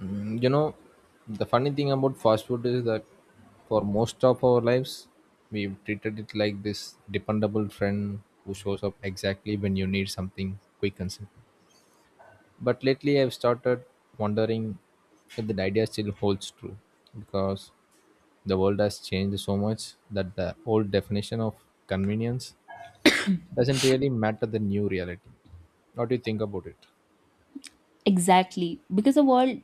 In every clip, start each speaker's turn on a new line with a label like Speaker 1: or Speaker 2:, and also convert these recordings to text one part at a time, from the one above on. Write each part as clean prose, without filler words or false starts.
Speaker 1: You know, the funny thing about fast food is that for most of our lives, we've treated it like this dependable friend who shows up exactly when you need something quick and simple. But lately, I've started wondering if the idea still holds true because the world has changed so much that the old definition of convenience doesn't really matter the new reality. What do you think about it?
Speaker 2: Exactly. Because the word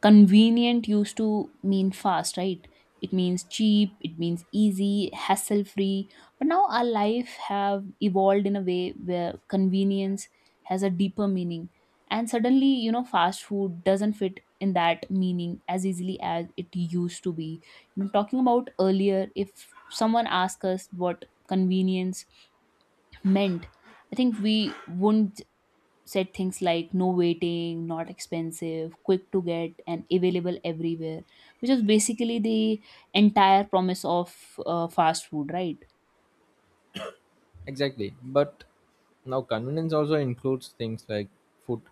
Speaker 2: convenient used to mean fast, right? It means cheap, it means easy, hassle free. But now our life have evolved in a way where convenience has a deeper meaning. And suddenly, fast food doesn't fit in that meaning as easily as it used to be. Talking about earlier, if someone asked us what convenience meant, I think we wouldn't said things like no waiting, not expensive, quick to get, and available everywhere, which is basically the entire promise of fast food, right?
Speaker 1: Exactly. But now convenience also includes things like food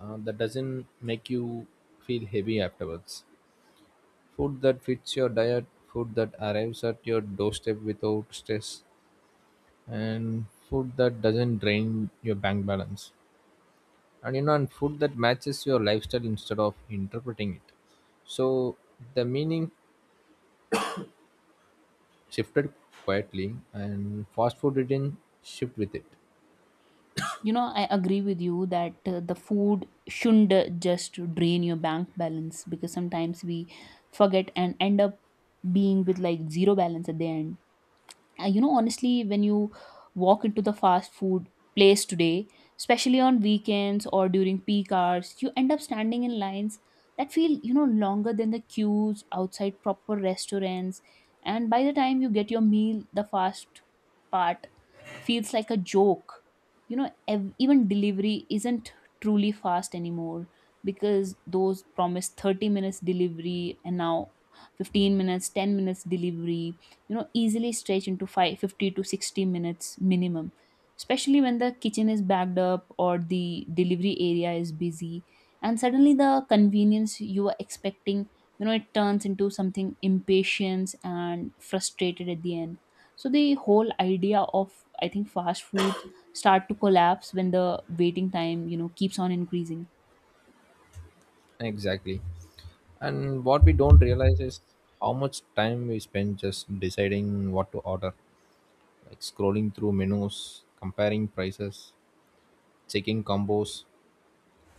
Speaker 1: that doesn't make you feel heavy afterwards. Food that fits your diet, food that arrives at your doorstep without stress, and food that doesn't drain your bank balance. And you know, and food that matches your lifestyle instead of interpreting it. So the meaning shifted quietly, and fast food didn't shift with it.
Speaker 2: I agree with you that the food shouldn't just drain your bank balance because sometimes we forget and end up being with like zero balance at the end. Honestly, when you walk into the fast food place today, especially on weekends or during peak hours, you end up standing in lines that feel longer than the queues outside proper restaurants, and by the time you get your meal, the fast part feels like a joke. Even delivery isn't truly fast anymore because those promised 30 minutes delivery and now 15 minutes, 10 minutes delivery, easily stretch into five fifty to 60 minutes minimum, especially when the kitchen is backed up or the delivery area is busy. And suddenly the convenience you were expecting, it turns into something impatient and frustrated at the end. So the whole idea of, I think, fast food start to collapse when the waiting time keeps on increasing.
Speaker 1: Exactly. And what we don't realize is how much time we spend just deciding what to order, like scrolling through menus, comparing prices, checking combos,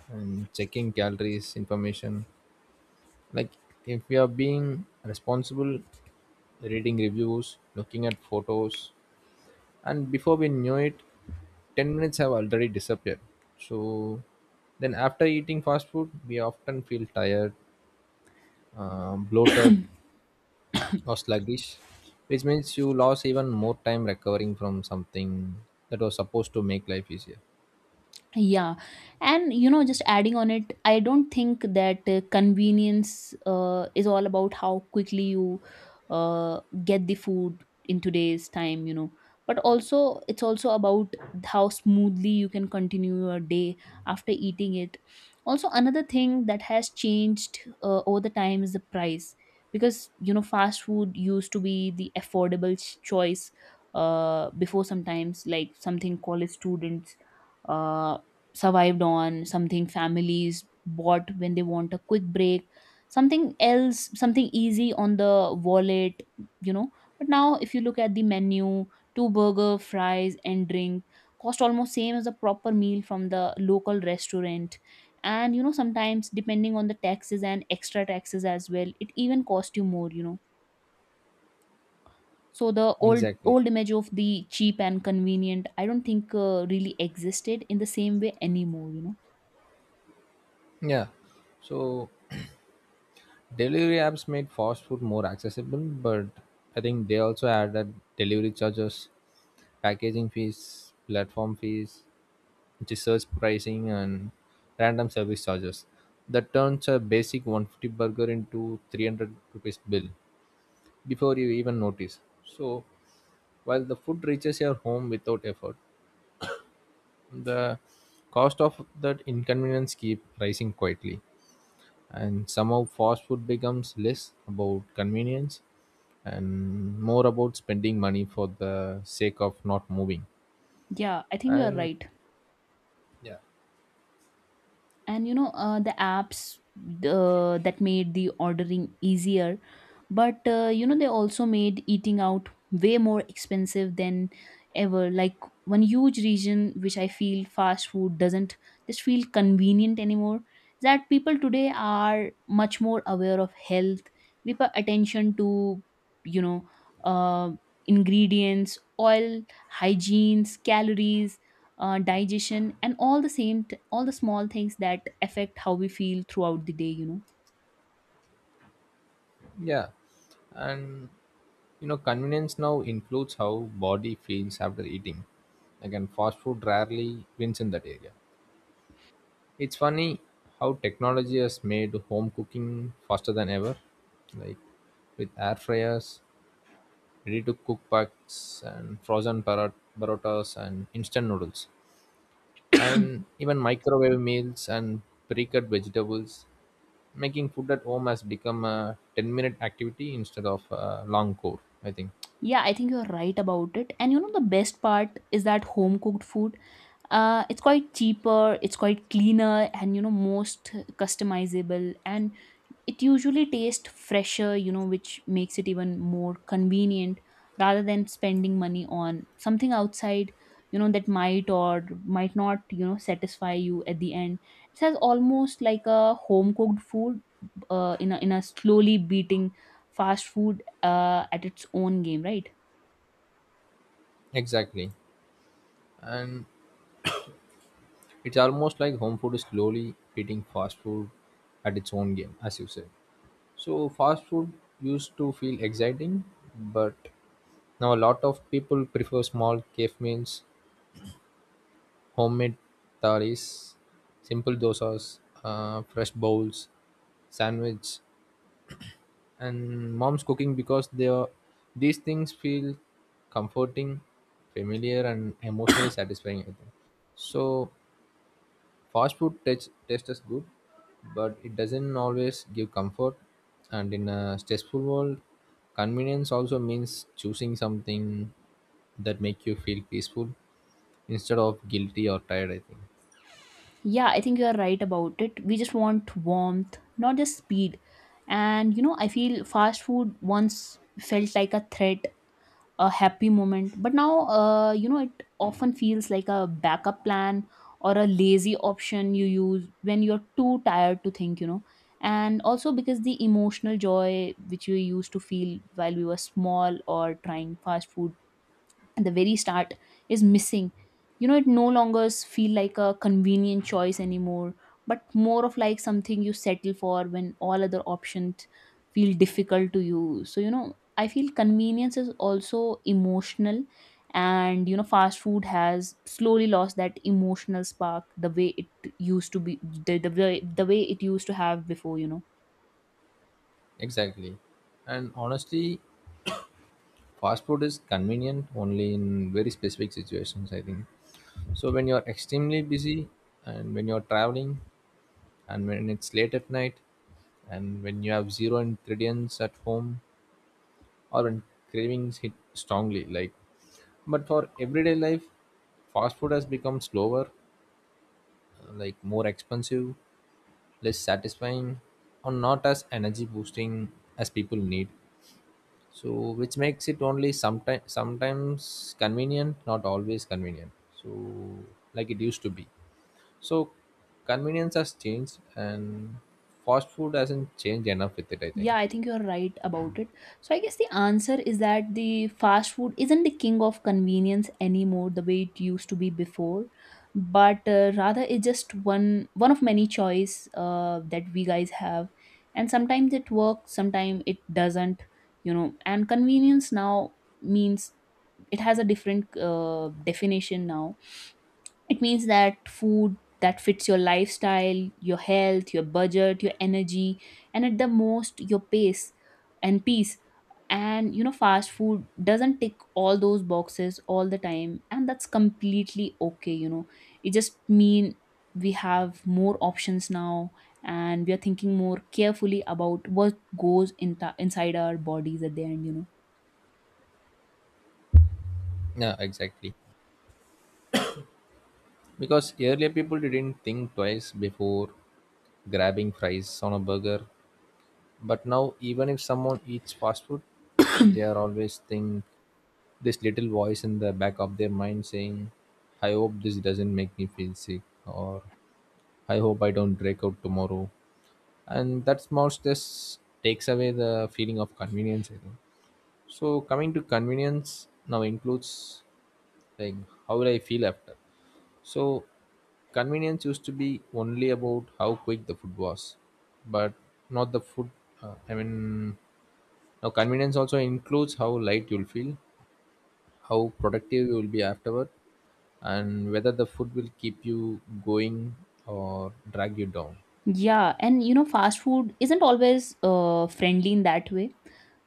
Speaker 1: and checking calories information. Like, if we are being responsible, reading reviews, looking at photos, and before we knew it, 10 minutes have already disappeared. So then after eating fast food, we often feel tired, bloated, or sluggish, which means you lost even more time recovering from something that was supposed to make life easier.
Speaker 2: Yeah, and just adding on it, I don't think that convenience is all about how quickly you get the food in today's time, but also it's also about how smoothly you can continue your day after eating it. Also, another thing that has changed over the time is the price because, fast food used to be the affordable choice before sometimes, like something college students. Uh, survived on, something families bought when they want a quick break, something else, something easy on the wallet, you know. But now, if you look at the menu, two burger, fries, and drink cost almost same as a proper meal from the local restaurant, and sometimes depending on the taxes and extra taxes as well, it even cost you more. So the old
Speaker 1: Exactly.
Speaker 2: old image of the cheap and convenient, I don't think really existed in the same way anymore.
Speaker 1: Yeah. So delivery apps made fast food more accessible, but I think they also added delivery charges, packaging fees, platform fees, research pricing, and random service charges. That turns a basic 150 burger into 300 rupees bill before you even notice. So while the food reaches your home without effort, the cost of that inconvenience keep rising quietly. And somehow fast food becomes less about convenience and more about spending money for the sake of not moving.
Speaker 2: Yeah, I think you are
Speaker 1: And
Speaker 2: right.
Speaker 1: yeah,
Speaker 2: And the apps that made the ordering easier, but they also made eating out way more expensive than ever. Like one huge reason which I feel fast food doesn't just feel convenient anymore is that people today are much more aware of health. We pay attention to, you know, uh, ingredients, oil, hygienes, calories, digestion, and all the small things that affect how we feel throughout the day.
Speaker 1: yeah and You know, convenience now includes how body feels after eating. Again, fast food rarely wins in that area. It's funny how technology has made home cooking faster than ever, like with air fryers, ready to cook packs, and frozen parotas, and instant noodles, and even microwave meals and pre-cut vegetables. Making food at home has become a 10-minute activity instead of a long core, I think.
Speaker 2: Yeah, I think you're right about it. And the best part is that home cooked food, it's quite cheaper, it's quite cleaner, and most customizable, and it usually tastes fresher, which makes it even more convenient rather than spending money on something outside, that might or might not, satisfy you at the end. It has almost like a home cooked food, in a slowly beating fast food at its own game, right?
Speaker 1: Exactly. And it's almost like home food is slowly beating fast food at its own game, as you said. So fast food used to feel exciting, but now a lot of people prefer small cave meals, homemade thalis, simple dosas, fresh bowls, sandwich, and mom's cooking because they are, these things feel comforting, familiar, and emotionally satisfying, I think. So fast food tastes as good, but it doesn't always give comfort. And in a stressful world, convenience also means choosing something that make you feel peaceful instead of guilty or tired, I think.
Speaker 2: Yeah, I think you are right about it. We just want warmth, not just speed. And I feel fast food once felt like a threat, a happy moment, but now, it often feels like a backup plan or a lazy option you use when you're too tired to think. And also because the emotional joy which we used to feel while we were small or trying fast food at the very start is missing. It no longer feel like a convenient choice anymore, but more of like something you settle for when all other options feel difficult to you. So I feel convenience is also emotional, and fast food has slowly lost that emotional spark the way it used to be, the way it used to have before.
Speaker 1: Exactly. And honestly, fast food is convenient only in very specific situations, I think. So when you're extremely busy, and when you're traveling, and when it's late at night, and when you have zero ingredients at home, or when cravings hit strongly, like, but for everyday life, fast food has become slower, like more expensive, less satisfying, or not as energy boosting as people need. So which makes it only sometimes convenient, not always convenient. So like it used to be. So convenience has changed, and fast food hasn't changed enough with it, I think.
Speaker 2: Yeah, I think you're right about it. So I guess the answer is that the fast food isn't the king of convenience anymore the way it used to be before, but rather it's just one of many choice that we guys have, and sometimes it works, sometimes it doesn't. And convenience now means it has a different definition now. It means that food that fits your lifestyle, your health, your budget, your energy, and at the most your pace and peace. And fast food doesn't tick all those boxes all the time, and that's completely okay. It just mean we have more options now, and we are thinking more carefully about what goes in inside our bodies at the end.
Speaker 1: Yeah, exactly. Because earlier people didn't think twice before grabbing fries on a burger. But now even if someone eats fast food, they are always think this little voice in the back of their mind saying, I hope this doesn't make me feel sick, or I hope I don't break out tomorrow. And that small stress takes away the feeling of convenience, I think. So coming to convenience now includes like how will I feel after. So convenience used to be only about how quick the food was, but not the food. I mean, now convenience also includes how light you'll feel, how productive you will be afterward, and whether the food will keep you going or drag you down.
Speaker 2: Yeah, and fast food isn't always friendly in that way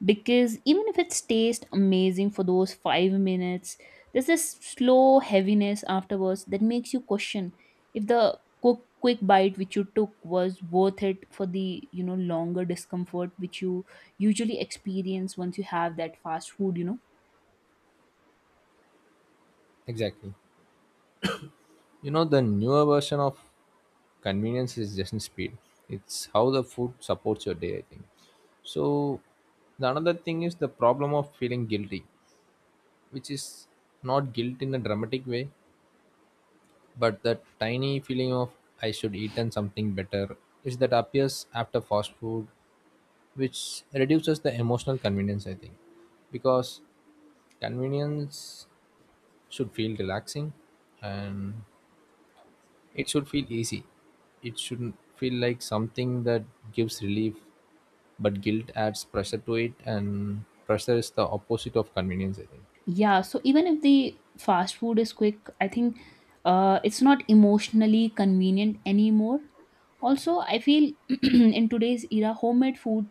Speaker 2: because even if it's taste amazing for those 5 minutes, there's this slow heaviness afterwards that makes you question if the quick bite which you took was worth it for the longer discomfort which you usually experience once you have that fast food.
Speaker 1: Exactly. You know, the newer version of convenience is just in speed. It's how the food supports your day, I think. So, the another thing is the problem of feeling guilty, which is not guilt in a dramatic way, but the tiny feeling of I should eaten something better, which that appears after fast food, which reduces the emotional convenience, I think, because convenience should feel relaxing, and it should feel easy. It shouldn't feel like something that gives relief, but guilt adds pressure to it, and pressure is the opposite of convenience, I think.
Speaker 2: Yeah, so even if the fast food is quick, I think it's not emotionally convenient anymore. Also, I feel in today's era, homemade food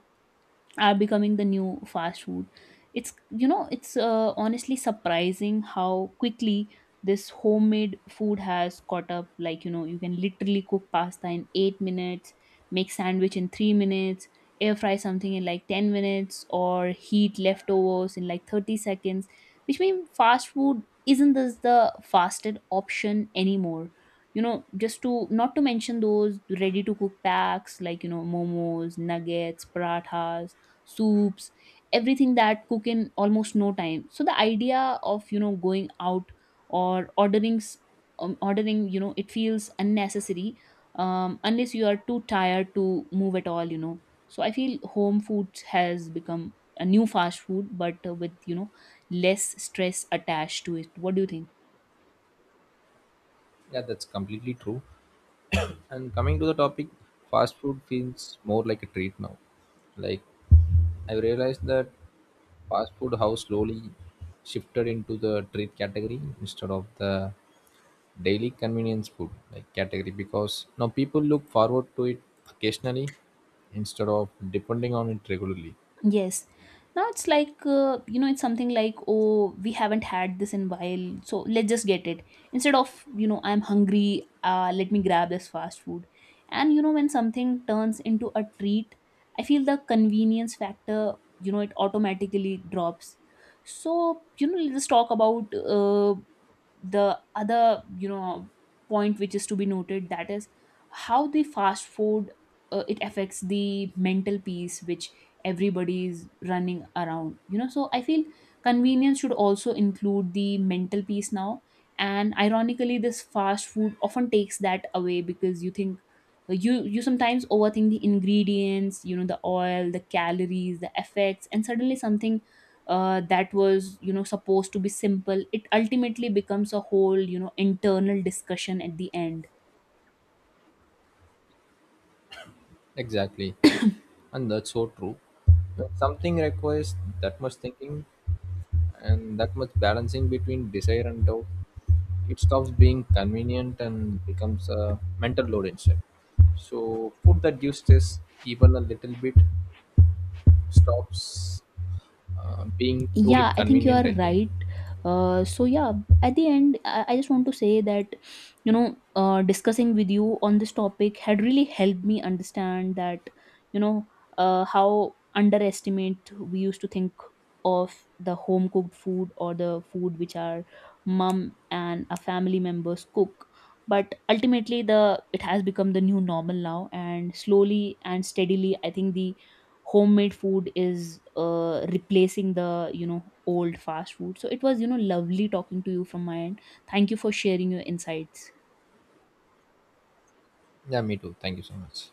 Speaker 2: are becoming the new fast food. It's you know it's uh, honestly surprising how quickly this homemade food has caught up. Like, you can literally cook pasta in 8 minutes, make sandwich in 3 minutes, air fry something in like 10 minutes, or heat leftovers in like 30 seconds, which means fast food isn't this the fastest option anymore. Just to not to mention those ready to cook packs, like, momos, nuggets, parathas, soups, everything that cook in almost no time. So the idea of going out or ordering. It feels unnecessary, unless you are too tired to move at all. So I feel home food has become a new fast food, but with, less stress attached to it. What do you think?
Speaker 1: Yeah, that's completely true. And coming to the topic, fast food feels more like a treat now. Like, I realized that fast food, how slowly shifted into the treat category instead of the daily convenience food like category, because now people look forward to it occasionally instead of depending on it regularly.
Speaker 2: Yes. Now it's like, it's something like, oh, we haven't had this in while, so let's just get it. Instead of, I'm hungry, let me grab this fast food. And, when something turns into a treat, I feel the convenience factor, it automatically drops. So, let's talk about the other point, which is to be noted, that is how the fast food, it affects the mental peace which everybody is running around. So I feel convenience should also include the mental peace now. And ironically, this fast food often takes that away because you think, you sometimes overthink the ingredients, the oil, the calories, the effects, and suddenly something that was, supposed to be simple, it ultimately becomes a whole, internal discussion at the end.
Speaker 1: Exactly. And that's so true. When something requires that much thinking and that much balancing between desire and doubt, it stops being convenient and becomes a mental load instead. So, food that gives stress even a little bit stops being truly
Speaker 2: Yeah, I think you
Speaker 1: convenient,
Speaker 2: are
Speaker 1: I think.
Speaker 2: right. So yeah, at the end, I just want to say that discussing with you on this topic had really helped me understand that you know how underestimate we used to think of the home cooked food or the food which our mom and our family members cook. But ultimately, the it has become the new normal now, and slowly and steadily, I think the homemade food is replacing the old fast food. So it was, lovely talking to you from my end. Thank you for sharing your insights.
Speaker 1: Yeah, me too. Thank you so much.